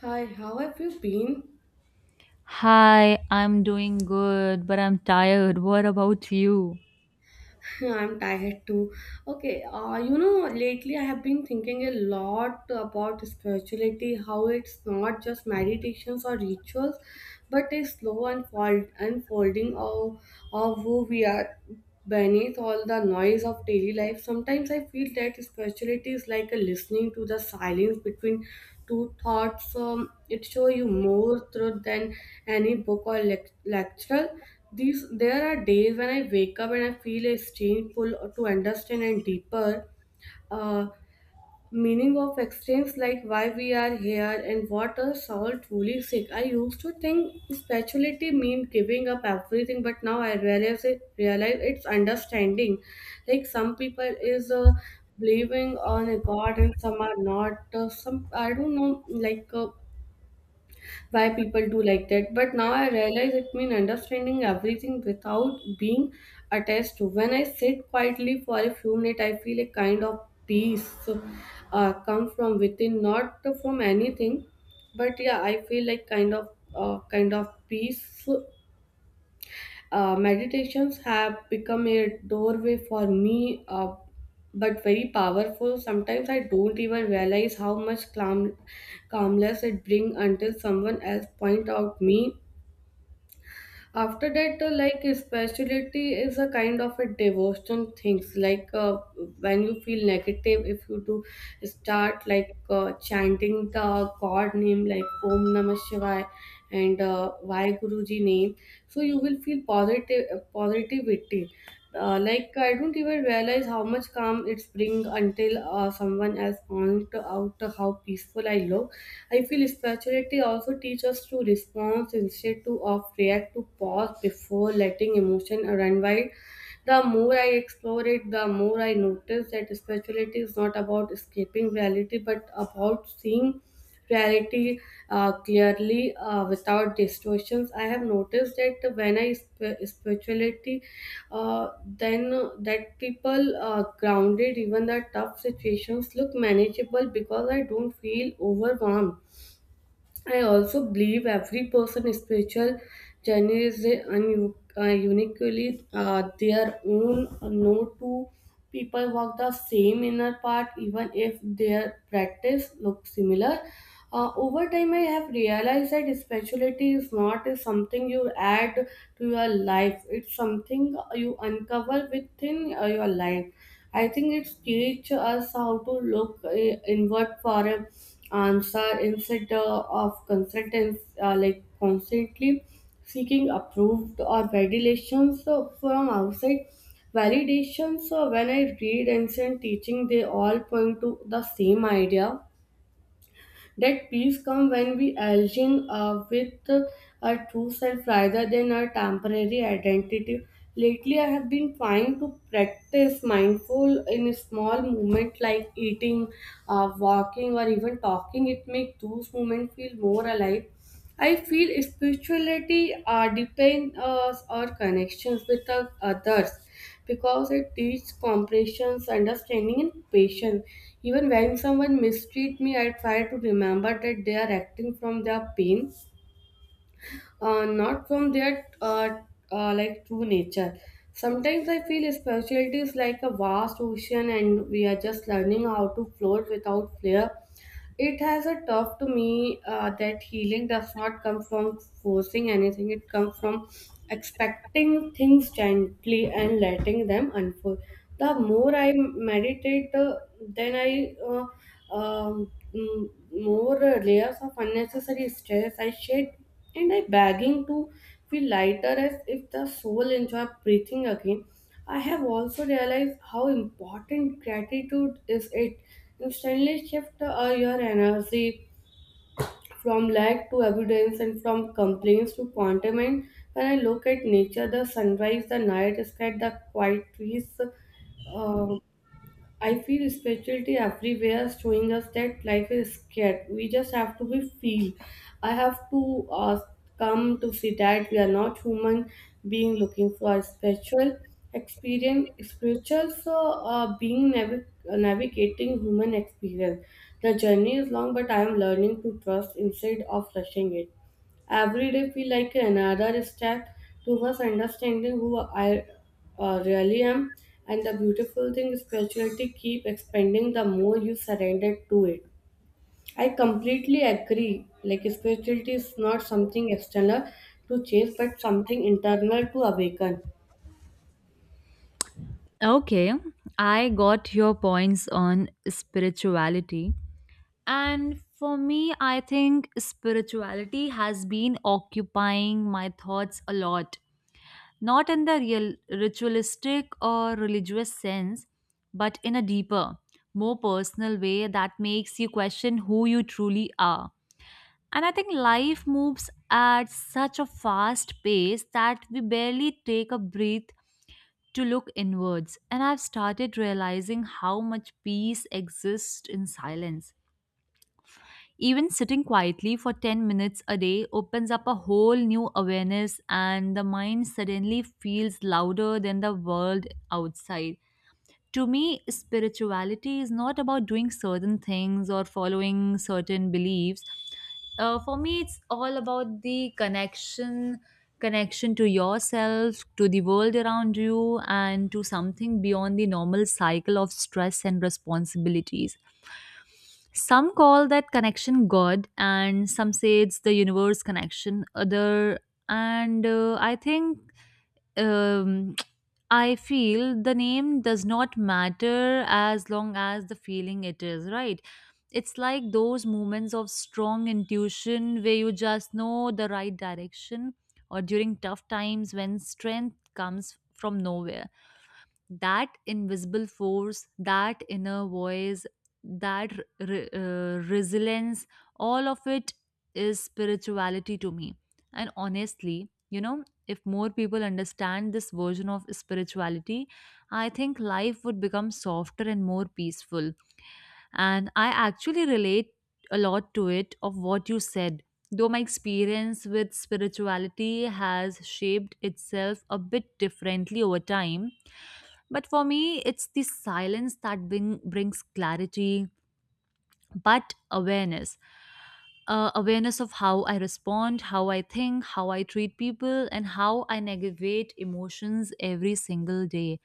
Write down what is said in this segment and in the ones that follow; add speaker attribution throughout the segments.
Speaker 1: Hi, how have you been?
Speaker 2: Hi, I'm doing good, but I'm tired. What about you?
Speaker 1: I'm tired too. Okay, lately I have been thinking a lot about spirituality, how it's not just meditations or rituals, but a slow unfolding of who we are beneath all the noise of daily life. Sometimes I feel that spirituality is like a listening to the silence between two thoughts. It shows you more truth than any book or lecture. These there are days when I wake up and I feel a strange pull to understand and deeper uh, meaning of existence, like why we are here and what our soul truly seek. I used to think spirituality means giving up everything, but now I realize it's understanding. Like some people is believing on a god and some are not. Some I don't know like. Why people do like that. But now I realize it means understanding everything without being attached to. When I sit quietly for a few minutes, I feel a kind of peace come from within, not from anything. But yeah, I feel like kind of peace. Meditations have become a doorway for me, but very powerful. Sometimes I don't even realize how much calmness it brings until someone else point out me after that like spirituality is a kind of a devotion things like when you feel negative if you do start like chanting the god name like om namah shivaya and Vai guruji name so you will feel positive positivity. Like I don't even realize how much calm it's bring until someone has point out how peaceful I look. I feel spirituality also teaches us to respond instead to of react to pause before letting emotion run wild. The more I explore it, the more I notice that spirituality is not about escaping reality but about seeing reality clearly without distortions. I have noticed that when I spirituality, then that people grounded even the tough situations look manageable because I don't feel overwhelmed. I also believe every person's spiritual journey is uniquely their own. No two people walk the same inner path, even if their practice looks similar. Over time, I have realized that spirituality is not something you add to your life. It's something you uncover within your life. I think it teaches us how to look inward for an answer instead of consultants like constantly seeking approved or validations from outside. Validations, when I read ancient teaching, they all point to the same idea that peace comes when we align with our true self rather than our temporary identity. Lately, I have been trying to practice mindful in a small movement like eating, walking, or even talking. It makes those moments feel more alive. I feel spirituality deepens us our connections with the others because it teaches comprehension, understanding, and patience. Even when someone mistreats me, I try to remember that they are acting from their pain, not from their like true nature. Sometimes I feel spirituality is like a vast ocean, and we are just learning how to float without flair. It has a tough to me that healing does not come from forcing anything. It comes from expecting things gently and letting them unfold. The more I meditate, more layers of unnecessary stress I shed and I begging to feel lighter as if the soul enjoy breathing again. I have also realized how important gratitude is. It instantly shift your energy from lack to abundance and from complaints to contentment. When I look at nature, the sunrise, the night sky, the quiet trees, uh, I feel spirituality everywhere is showing us that life is scared. We just have to be feel. I have to come to see that we are not human being looking for a spiritual experience. Spiritual so being navigating human experience. The journey is long, but I am learning to trust instead of rushing it. Every day feel like another step towards understanding who I really am. And the beautiful thing is spirituality keep expanding the more you surrender to it. I completely agree. Like spirituality is not something external to chase, but something internal to awaken.
Speaker 2: Okay, I got your points on spirituality. And for me, I think spirituality has been occupying my thoughts a lot. Not in the real ritualistic or religious sense, but in a deeper, more personal way that makes you question who you truly are. And I think life moves at such a fast pace that we barely take a breath to look inwards. And I've started realizing how much peace exists in silence. Even sitting quietly for 10 minutes a day opens up a whole new awareness, and the mind suddenly feels louder than the world outside. To me, spirituality is not about doing certain things or following certain beliefs. For me, it's all about the connection to yourself, to the world around you, and to something beyond the normal cycle of stress and responsibilities. Some call that connection God, and some say it's the universe connection. Other, and I think, um, I feel the name does not matter as long as the feeling it is, right? It's like those moments of strong intuition where you just know the right direction, or during tough times when strength comes from nowhere, that invisible force, that inner voice, that resilience, all of it is spirituality to me. And honestly, you know, if more people understand this version of spirituality, I think life would become softer and more peaceful. And I actually relate a lot to it of what you said. Though my experience with spirituality has shaped itself a bit differently over time, but for me, it's the silence that brings clarity but awareness of how I respond, how I think, how I treat people, and how I navigate emotions every single day.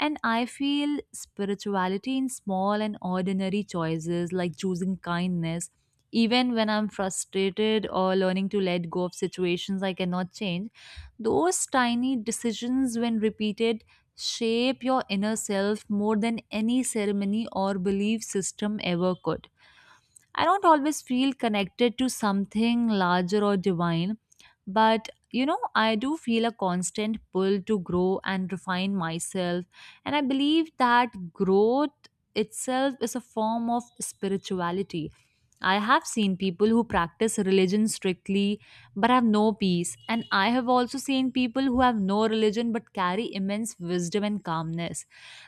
Speaker 2: And I feel spirituality in small and ordinary choices like choosing kindness, even when I'm frustrated or learning to let go of situations I cannot change. Those tiny decisions, when repeated, shape your inner self more than any ceremony or belief system ever could. I don't always feel connected to something larger or divine, but you know, I do feel a constant pull to grow and refine myself. And I believe that growth itself is a form of spirituality. I have seen people who practice religion strictly but have no peace, and I have also seen people who have no religion but carry immense wisdom and calmness.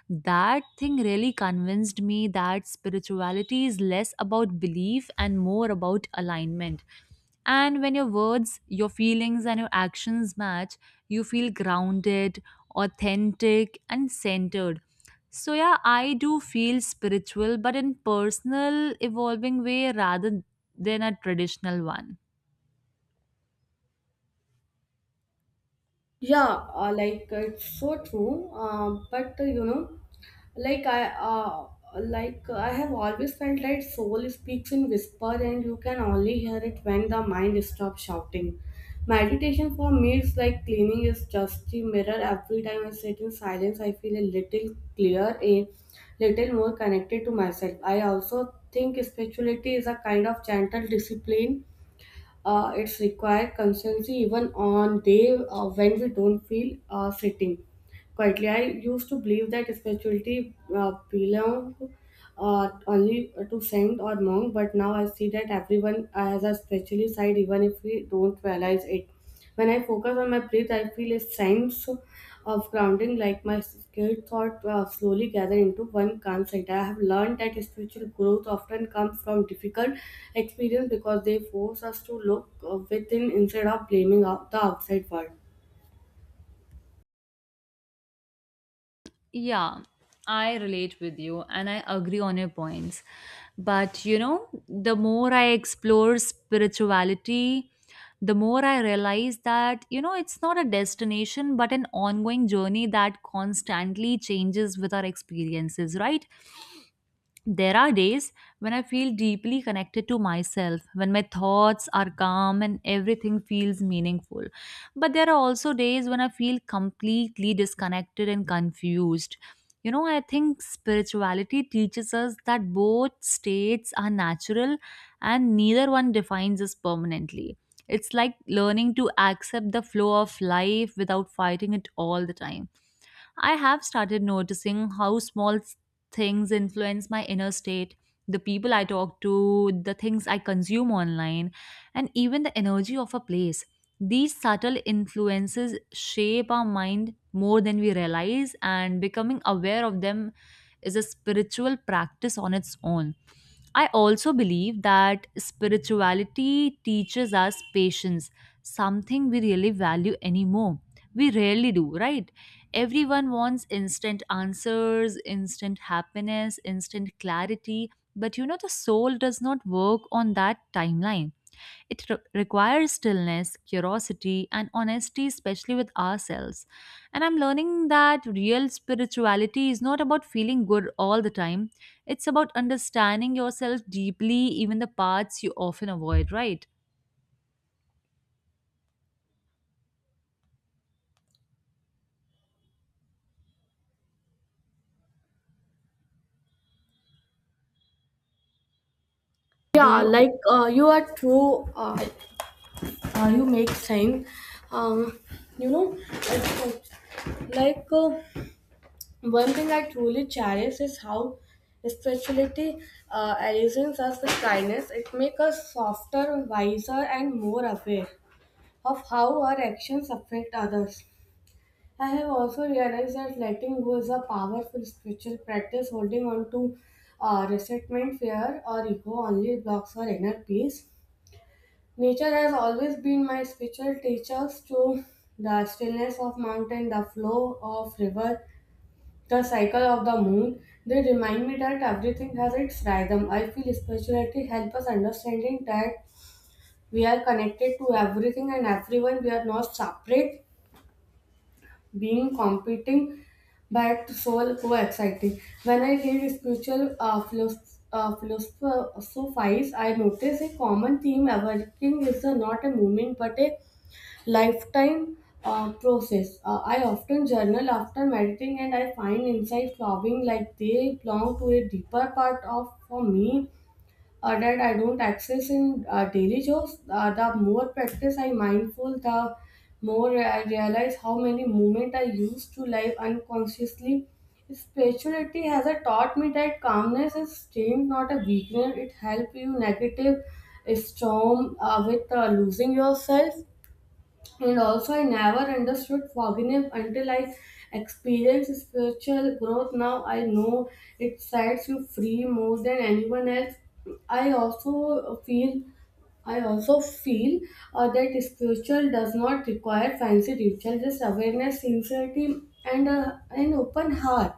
Speaker 2: That thing really convinced me that spirituality is less about belief and more about alignment. And when your words, your feelings, and your actions match, you feel grounded, authentic, and centered. So, yeah, I do feel spiritual, but in personal, evolving way rather than a traditional one.
Speaker 1: Yeah, it's so true. But you know, like I uh, like I have always felt that soul speaks in whisper, and you can only hear it when the mind stops shouting. Meditation for me is like cleaning is just the mirror. Every time I sit in silence, I feel a little clearer, a little more connected to myself. I also think spirituality is a kind of gentle discipline. It's required consistency even on day when we don't feel sitting quietly. I used to believe that spirituality belonged only to saint or monk, but now I see that everyone has a spiritual side, even if we don't realize it. When I focus on my breath, I feel a sense of grounding, like my skilled thought slowly gather into one calm side. I have learned that spiritual growth often comes from difficult experience because they force us to look within instead of blaming out the outside world.
Speaker 2: Yeah, I relate with you and I agree on your points. But you know, the more I explore spirituality, the more I realize that, you know, it's not a destination but an ongoing journey that constantly changes with our experiences, right? There are days when I feel deeply connected to myself, when my thoughts are calm and everything feels meaningful. But there are also days when I feel completely disconnected and confused. You know, I think spirituality teaches us that both states are natural and neither one defines us permanently. It's like learning to accept the flow of life without fighting it all the time. I have started noticing how things influence my inner state, the people I talk to, the things I consume online, and even the energy of a place. These subtle influences shape our mind more than we realize, and becoming aware of them is a spiritual practice on its own. I also believe that spirituality teaches us patience, something we really value anymore. We rarely do, right? Everyone wants instant answers, instant happiness, instant clarity, but you know, the soul does not work on that timeline. It requires stillness, curiosity, and honesty, especially with ourselves. And I'm learning that real spirituality is not about feeling good all the time, it's about understanding yourself deeply, even the parts you often avoid, right? Do
Speaker 1: Yeah,
Speaker 2: you,
Speaker 1: like uh, you are true. You make thing um, it's like uh, one thing I truly cherish is how spirituality allows us with kindness. It makes us softer, wiser and more aware of how our actions affect others. I have also realized that letting go is a powerful spiritual practice holding on to resentment, fear or ego only blocks our inner peace. Nature has always been my spiritual teachers to the stillness of mountain, the flow of river, the cycle of the moon. They remind me that everything has its rhythm. I feel spirituality helps us understanding that we are connected to everything and everyone. We are not separate, being competing, but soul co-exciting. When I read spiritual philosophies, I notice a common theme emerging is the not a movement but a lifetime process. I often journal after meditating and I find inside flowing like they belong to a deeper part of for me that I don't access in daily chores. The more practice I mindful, the more I realize how many moments I used to live unconsciously. Spirituality has taught me that calmness is strength, not a weakness. It helps you negative storm with losing yourself. And also, I never understood forgiveness until I experienced spiritual growth. Now I know it sets you free more than anyone else. I also feel I also feel that spiritual does not require fancy ritual, just awareness, sincerity, and an open heart,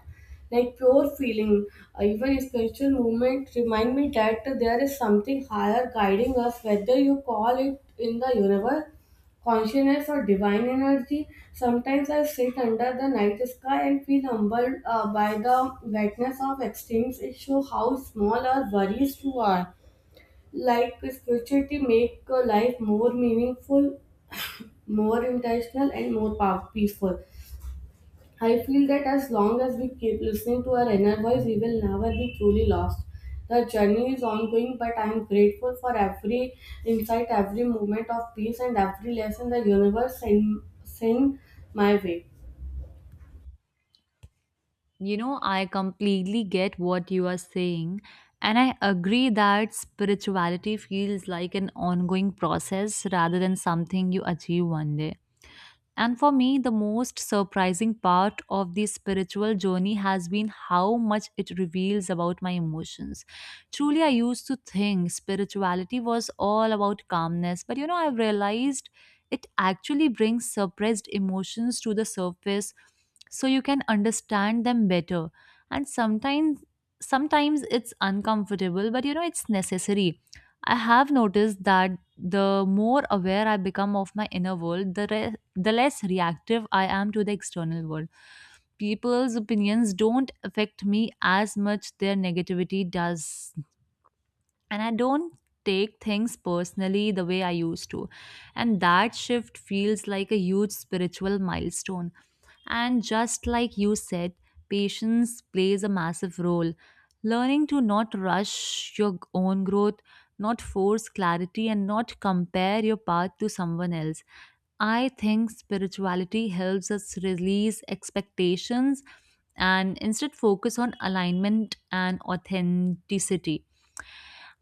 Speaker 1: like pure feeling. Even spiritual movement remind me that there is something higher guiding us, whether you call it in the universe, consciousness, or divine energy. Sometimes I sit under the night sky and feel humbled by the brightness of extremes. It shows how small our worries too are. Like spirituality make a life more meaningful, more intentional, and more peaceful. I feel that as long as we keep listening to our inner voice, we will never be truly lost. The journey is ongoing, but I am grateful for every insight, every moment of peace, and every lesson the universe send my way.
Speaker 2: you know, I completely get what you are saying. And I agree that spirituality feels like an ongoing process rather than something you achieve one day. And for me, the most surprising part of the spiritual journey has been how much it reveals about my emotions. Truly, I used to think spirituality was all about calmness, but you know, I've realized it actually brings suppressed emotions to the surface so you can understand them better. And sometimes it's uncomfortable, but you know, it's necessary. I have noticed that the more aware I become of my inner world, the less reactive I am to the external world. People's opinions don't affect me as much their negativity does. And I don't take things personally the way I used to. And that shift feels like a huge spiritual milestone. And just like you said, patience plays a massive role. Learning to not rush your own growth, not force clarity, and not compare your path to someone else. I think spirituality helps us release expectations and instead focus on alignment and authenticity.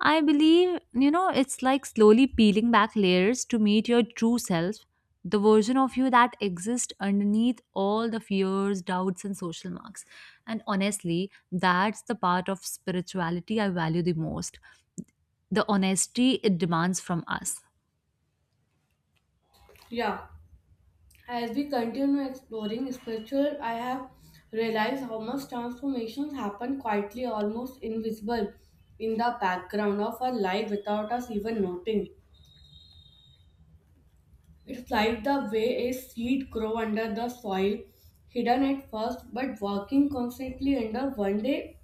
Speaker 2: I believe, you know, it's like slowly peeling back layers to meet your true self, the version of you that exists underneath all the fears, doubts, and social marks. And honestly, that's the part of spirituality I value the most, the honesty it demands from us.
Speaker 1: Yeah. As we continue exploring spiritual, I have realized how much transformations happen quietly, almost invisible, in the background of our life without us even noting. It's like the way a seed grow under the soil, hidden at first but working constantly under one day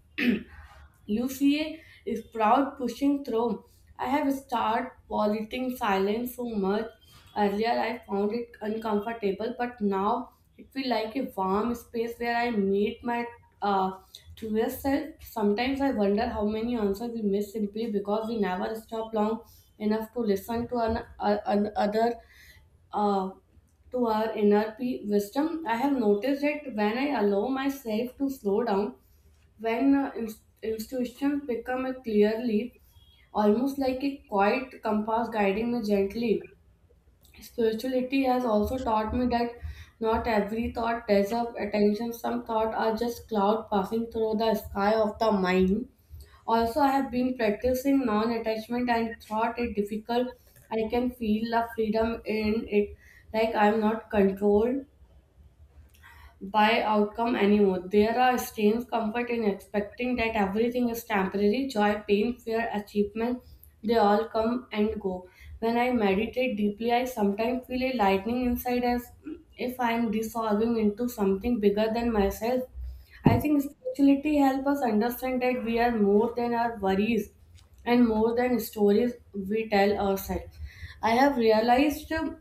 Speaker 1: Lucia is proud pushing through. I have started politing silence so much. Earlier I found it uncomfortable, but now it feels like a warm space where I meet my uh, truest self. Sometimes I wonder how many answers we miss simply because we never stop long enough to listen to an other uh, to our inner wisdom. I have noticed that when I allow myself to slow down, when institutions become a clearly almost like a quiet compass guiding me gently. Spirituality has also taught me that not every thought deserves attention. Some thoughts are just cloud passing through the sky of the mind. Also, I have been practicing non-attachment and thought it difficult, I can feel the freedom in it, like I'm not controlled by outcome anymore. There are strange comfort in expecting that everything is temporary. Joy, pain, fear, achievement, they all come and go. When I meditate deeply, I sometimes feel a lightning inside as if I am dissolving into something bigger than myself. I think spirituality helps us understand that we are more than our worries and more than stories we tell ourselves. I have realized,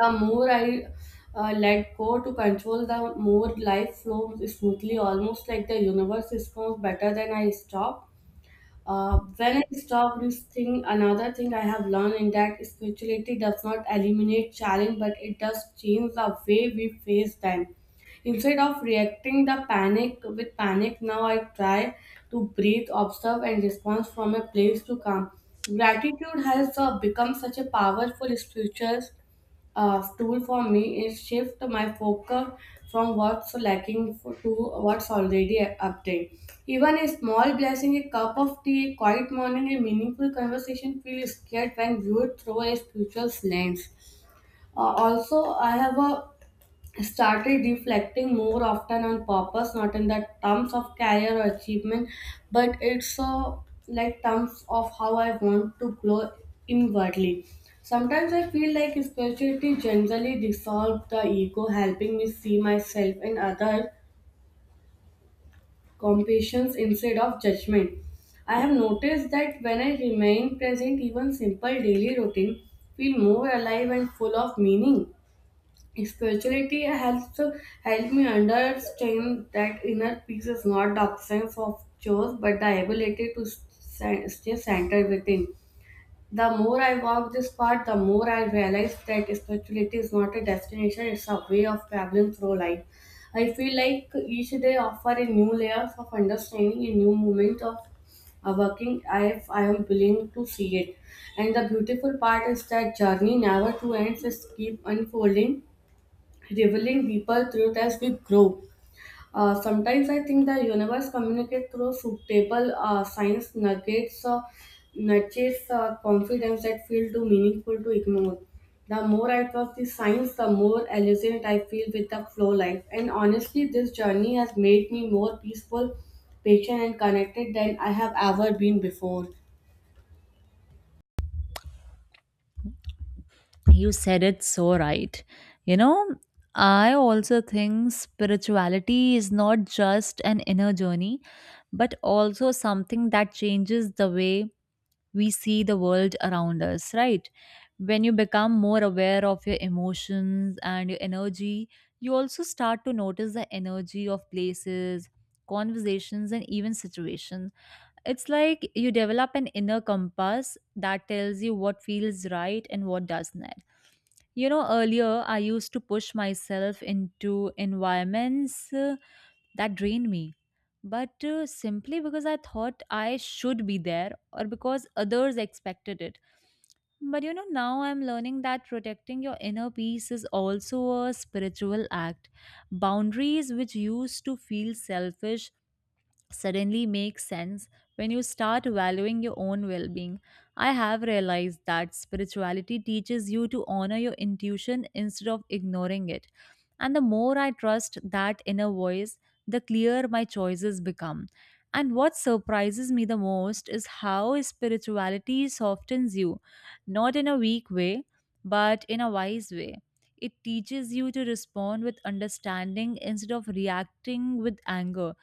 Speaker 1: the more I let go to control, the more life flows smoothly, almost like the universe responds better than I stop. When I stop this thing, another thing I have learned in that spirituality does not eliminate challenge, but it does change the way we face them. Instead of reacting the panic with panic, now I try to breathe, observe, and respond from a place to calm. Gratitude has become such a powerful spiritual tool for me is shift my focus from what's lacking for, to what's already obtained. Even a small blessing, a cup of tea, a quiet morning, a meaningful conversation feel scared when viewed through a spiritual lens. Also, I have a started reflecting more often on purpose, not in the terms of career or achievement, but it's like terms of how I want to grow inwardly. Sometimes I feel like spirituality generally dissolves the ego, helping me see myself and other compassions instead of judgment. I have noticed that when I remain present, even simple daily routine feel more alive and full of meaning. Spirituality helps Help me understand that inner peace is not the absence of chores but the ability to stay centered within. The more I walk this path, the more I realize that spirituality is not a destination, it's a way of traveling through life. I feel like each day offers a new layer of understanding, a new moment of working if I am willing to see it. And the beautiful part is that journey never to ends, it keep unfolding revealing deeper truth as we grow. Sometimes I think the universe communicates through suitable science nuggets, nudges, confidence that feel too meaningful to ignore. The more I trust the science, the more allegiant I feel with the flow life. And honestly, this journey has made me more peaceful, patient, and connected than I have ever been before.
Speaker 2: You said it so right. You know, I also think spirituality is not just an inner journey, but also something that changes the way we see the world around us, right? When you become more aware of your emotions and your energy, you also start to notice the energy of places, conversations, and even situations. It's like you develop an inner compass that tells you what feels right and what doesn't. You know, earlier I used to push myself into environments that drained me, but simply because I thought I should be there or because others expected it. But you know, now I'm learning that protecting your inner peace is also a spiritual act. Boundaries, which used to feel selfish, suddenly makes sense when you start valuing your own well being. I have realized that spirituality teaches you to honor your intuition instead of ignoring it. And the more I trust that inner voice, the clearer my choices become. And what surprises me the most is how spirituality softens you, not in a weak way, but in a wise way. It teaches you to respond with understanding instead of reacting with anger,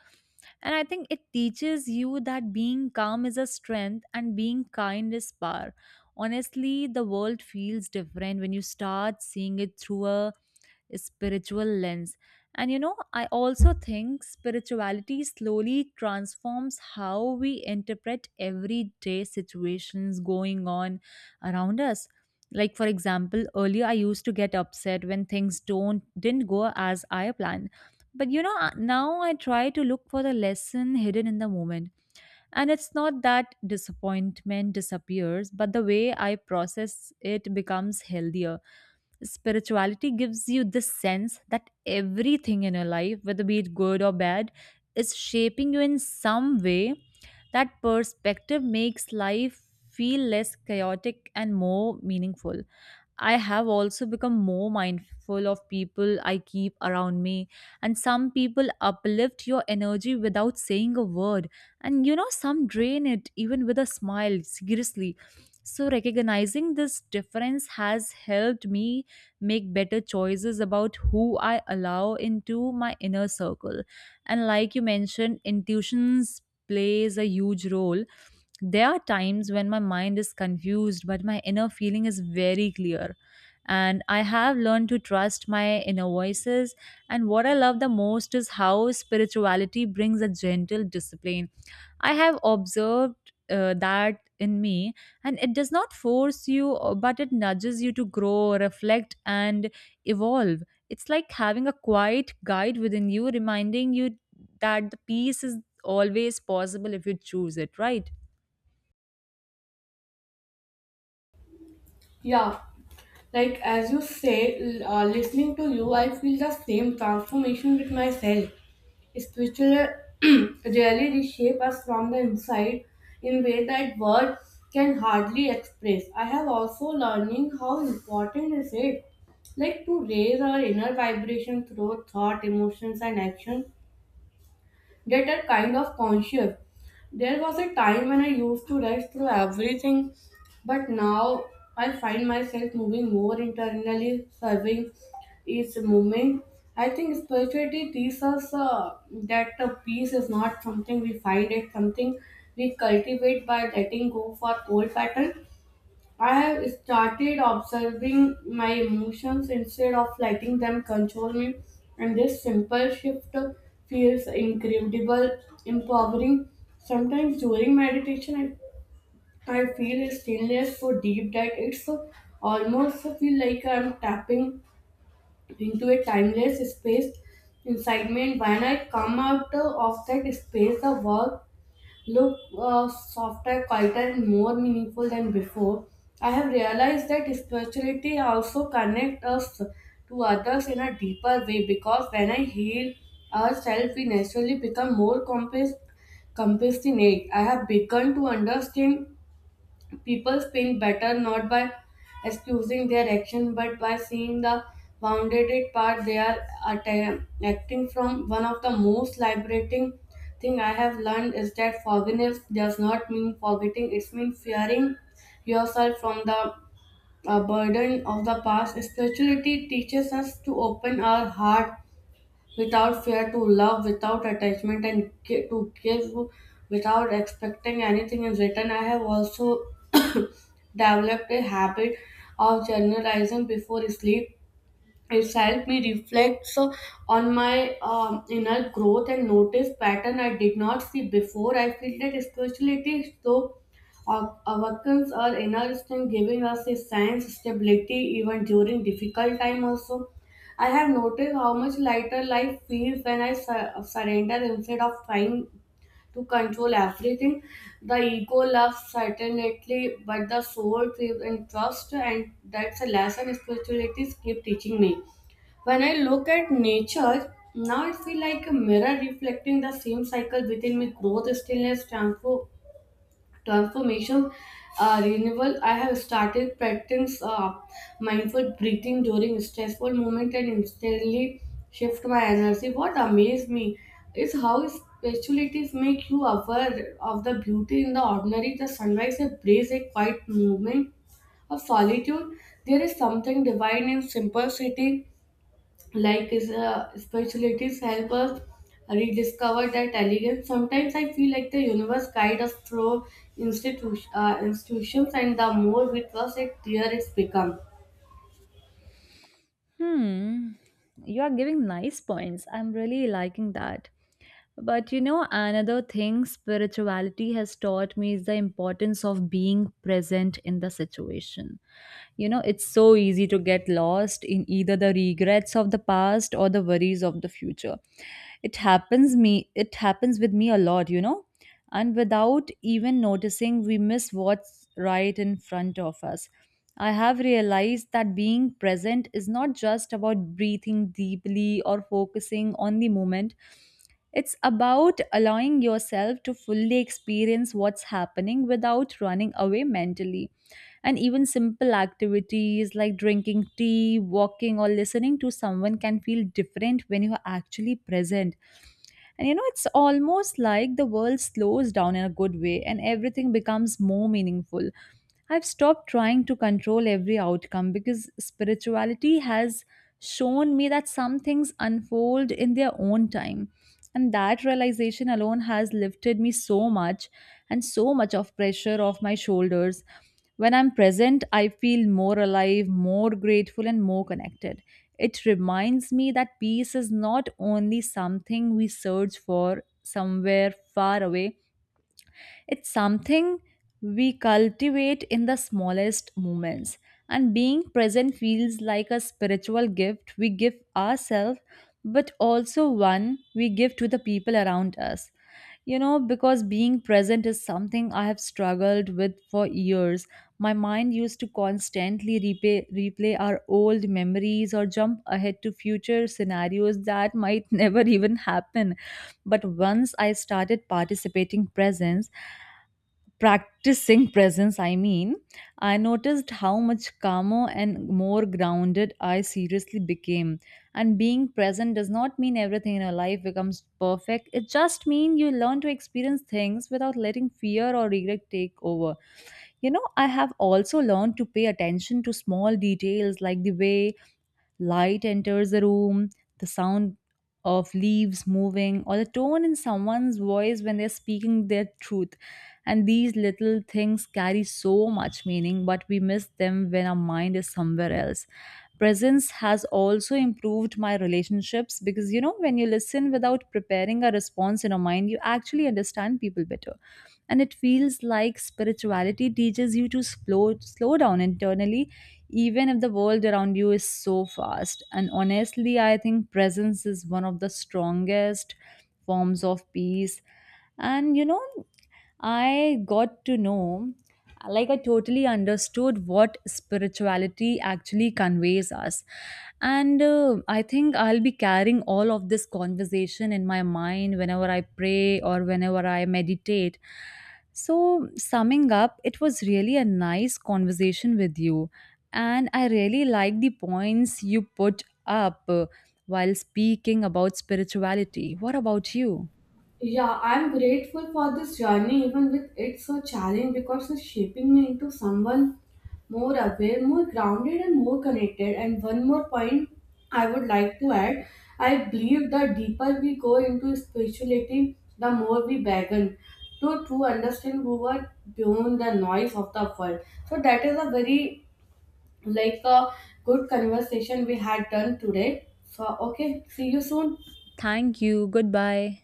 Speaker 2: and I think it teaches you that being calm is a strength and being kind is power. Honestly, the world feels different when you start seeing it through a spiritual lens. And you know, I also think spirituality slowly transforms how we interpret everyday situations going on around us. Like for example, earlier I used to get upset when things don't didn't go as I planned. But you know, now I try to look for the lesson hidden in the moment. And it's not that disappointment disappears, but the way I process it becomes healthier. Spirituality gives you this sense that everything in your life, whether be it good or bad, is shaping you in some way. That perspective makes life feel less chaotic and more meaningful. I have also become more mindful of people I keep around me. And some people uplift your energy without saying a word. And you know, some drain it even with a smile, seriously. So, recognizing this difference has helped me make better choices about who I allow into my inner circle. And, like you mentioned, intuitions plays a huge role. There are times when my mind is confused, but my inner feeling is very clear. And I have learned to trust my inner voices. And what I love the most is how spirituality brings a gentle discipline. I have observed that in me, and it does not force you, but it nudges you to grow, reflect, and evolve. It's like having a quiet guide within you, reminding you that the peace is always possible if you choose it, right?
Speaker 1: Yeah, like as you say, listening to you, I feel the same transformation with myself. Spiritual really reshape us from the inside in way that words can hardly express. I have also learning how important is it like to raise our inner vibration through thought, emotions, and action that are kind of conscious. There was a time when I used to rush through everything, but now I find myself moving more internally, serving each moment. I think spirituality teaches us that peace is not something we find, it's something we cultivate by letting go for old patterns. I have started observing my emotions instead of letting them control me, and this simple shift feels incredible, empowering. Sometimes during meditation, I feel a stillness so deep that it's almost feel like I'm tapping into a timeless space inside me. And when I come out of that space, the world look softer, quieter, and more meaningful than before. I have realized that spirituality also connects us to others in a deeper way because when I heal ourselves, we naturally become more compassionate. I have begun to understand people feel better not by excusing their action but by seeing the bounded part they are acting from. One of the most liberating thing I have learned is that forgiveness does not mean forgetting, it means fearing yourself from the burden of the past. Spirituality teaches us to open our heart without fear, to love without attachment, and to give without expecting anything in return. I have also developed a habit of journalizing before sleep. It's helped me reflect so, on my inner growth and notice pattern I did not see before. I feel that spirituality is so awakens our inner strength, giving us a sense stability even during difficult time also. I have noticed how much lighter life feels when I surrender instead of trying to control everything. The ego loves certainty, but the soul thrives in trust, and that's a lesson spirituality keep teaching me. When I look at nature, now it feels like a mirror reflecting the same cycle within me growth, stillness, transformation, renewal. I have started practice mindful breathing during stressful moment and instantly shift my energy. What amazed me is how specialities make you aware of the beauty in the ordinary, the sunrise, a breeze, a quiet movement of solitude. There is something divine in simplicity, like is spiritualities help us rediscover that elegance. Sometimes I feel like the universe guides us through institutions, and the more we trust it dear it's become.
Speaker 2: Hmm, you are giving nice points. I'm really liking that. But you know, another thing spirituality has taught me is the importance of being present in the situation. You know, it's so easy to get lost in either the regrets of the past or the worries of the future. It happens with me a lot, you know, and without even noticing we miss what's right in front of us. I have realized that being present is not just about breathing deeply or focusing on the moment. It's about allowing yourself to fully experience what's happening without running away mentally. And even simple activities like drinking tea, walking, or listening to someone can feel different when you are actually present. And you know, it's almost like the world slows down in a good way and everything becomes more meaningful. I've stopped trying to control every outcome because spirituality has shown me that some things unfold in their own time. And that realization alone has lifted me so much and so much of pressure off my shoulders. When I'm present, I feel more alive, more grateful, and more connected. It reminds me that peace is not only something we search for somewhere far away, it's something we cultivate in the smallest moments, and being present feels like a spiritual gift we give ourselves, but also one we give to the people around us. You know, because being present is something I have struggled with for years. My mind used to constantly replay our old memories or jump ahead to future scenarios that might never even happen. But once I started practicing presence, I mean, I noticed how much calmer and more grounded I seriously became. And being present does not mean everything in your life becomes perfect. It just means you learn to experience things without letting fear or regret take over. You know, I have also learned to pay attention to small details like the way light enters the room, the sound of leaves moving, or the tone in someone's voice when they're speaking their truth. And these little things carry so much meaning, but we miss them when our mind is somewhere else. Presence has also improved my relationships because you know, when you listen without preparing a response in your mind, you actually understand people better. And it feels like spirituality teaches you to slow down internally even if the world around you is so fast. And honestly, I think presence is one of the strongest forms of peace. And you know, I got to know, like, I totally understood what spirituality actually conveys us. And I think I'll be carrying all of this conversation in my mind whenever I pray or whenever I meditate. So, summing up, it was really a nice conversation with you and I really like the points you put up while speaking about spirituality. What about you?
Speaker 1: Yeah, I'm grateful for this journey, even with it's a challenge because it's shaping me into someone more aware, more grounded, and more connected. And one more point I would like to add, I believe the deeper we go into spirituality, the more we begin to understand who are beyond the noise of the world. So that is a very like a good conversation we had done today. So, okay, see you soon.
Speaker 2: Thank you. Goodbye.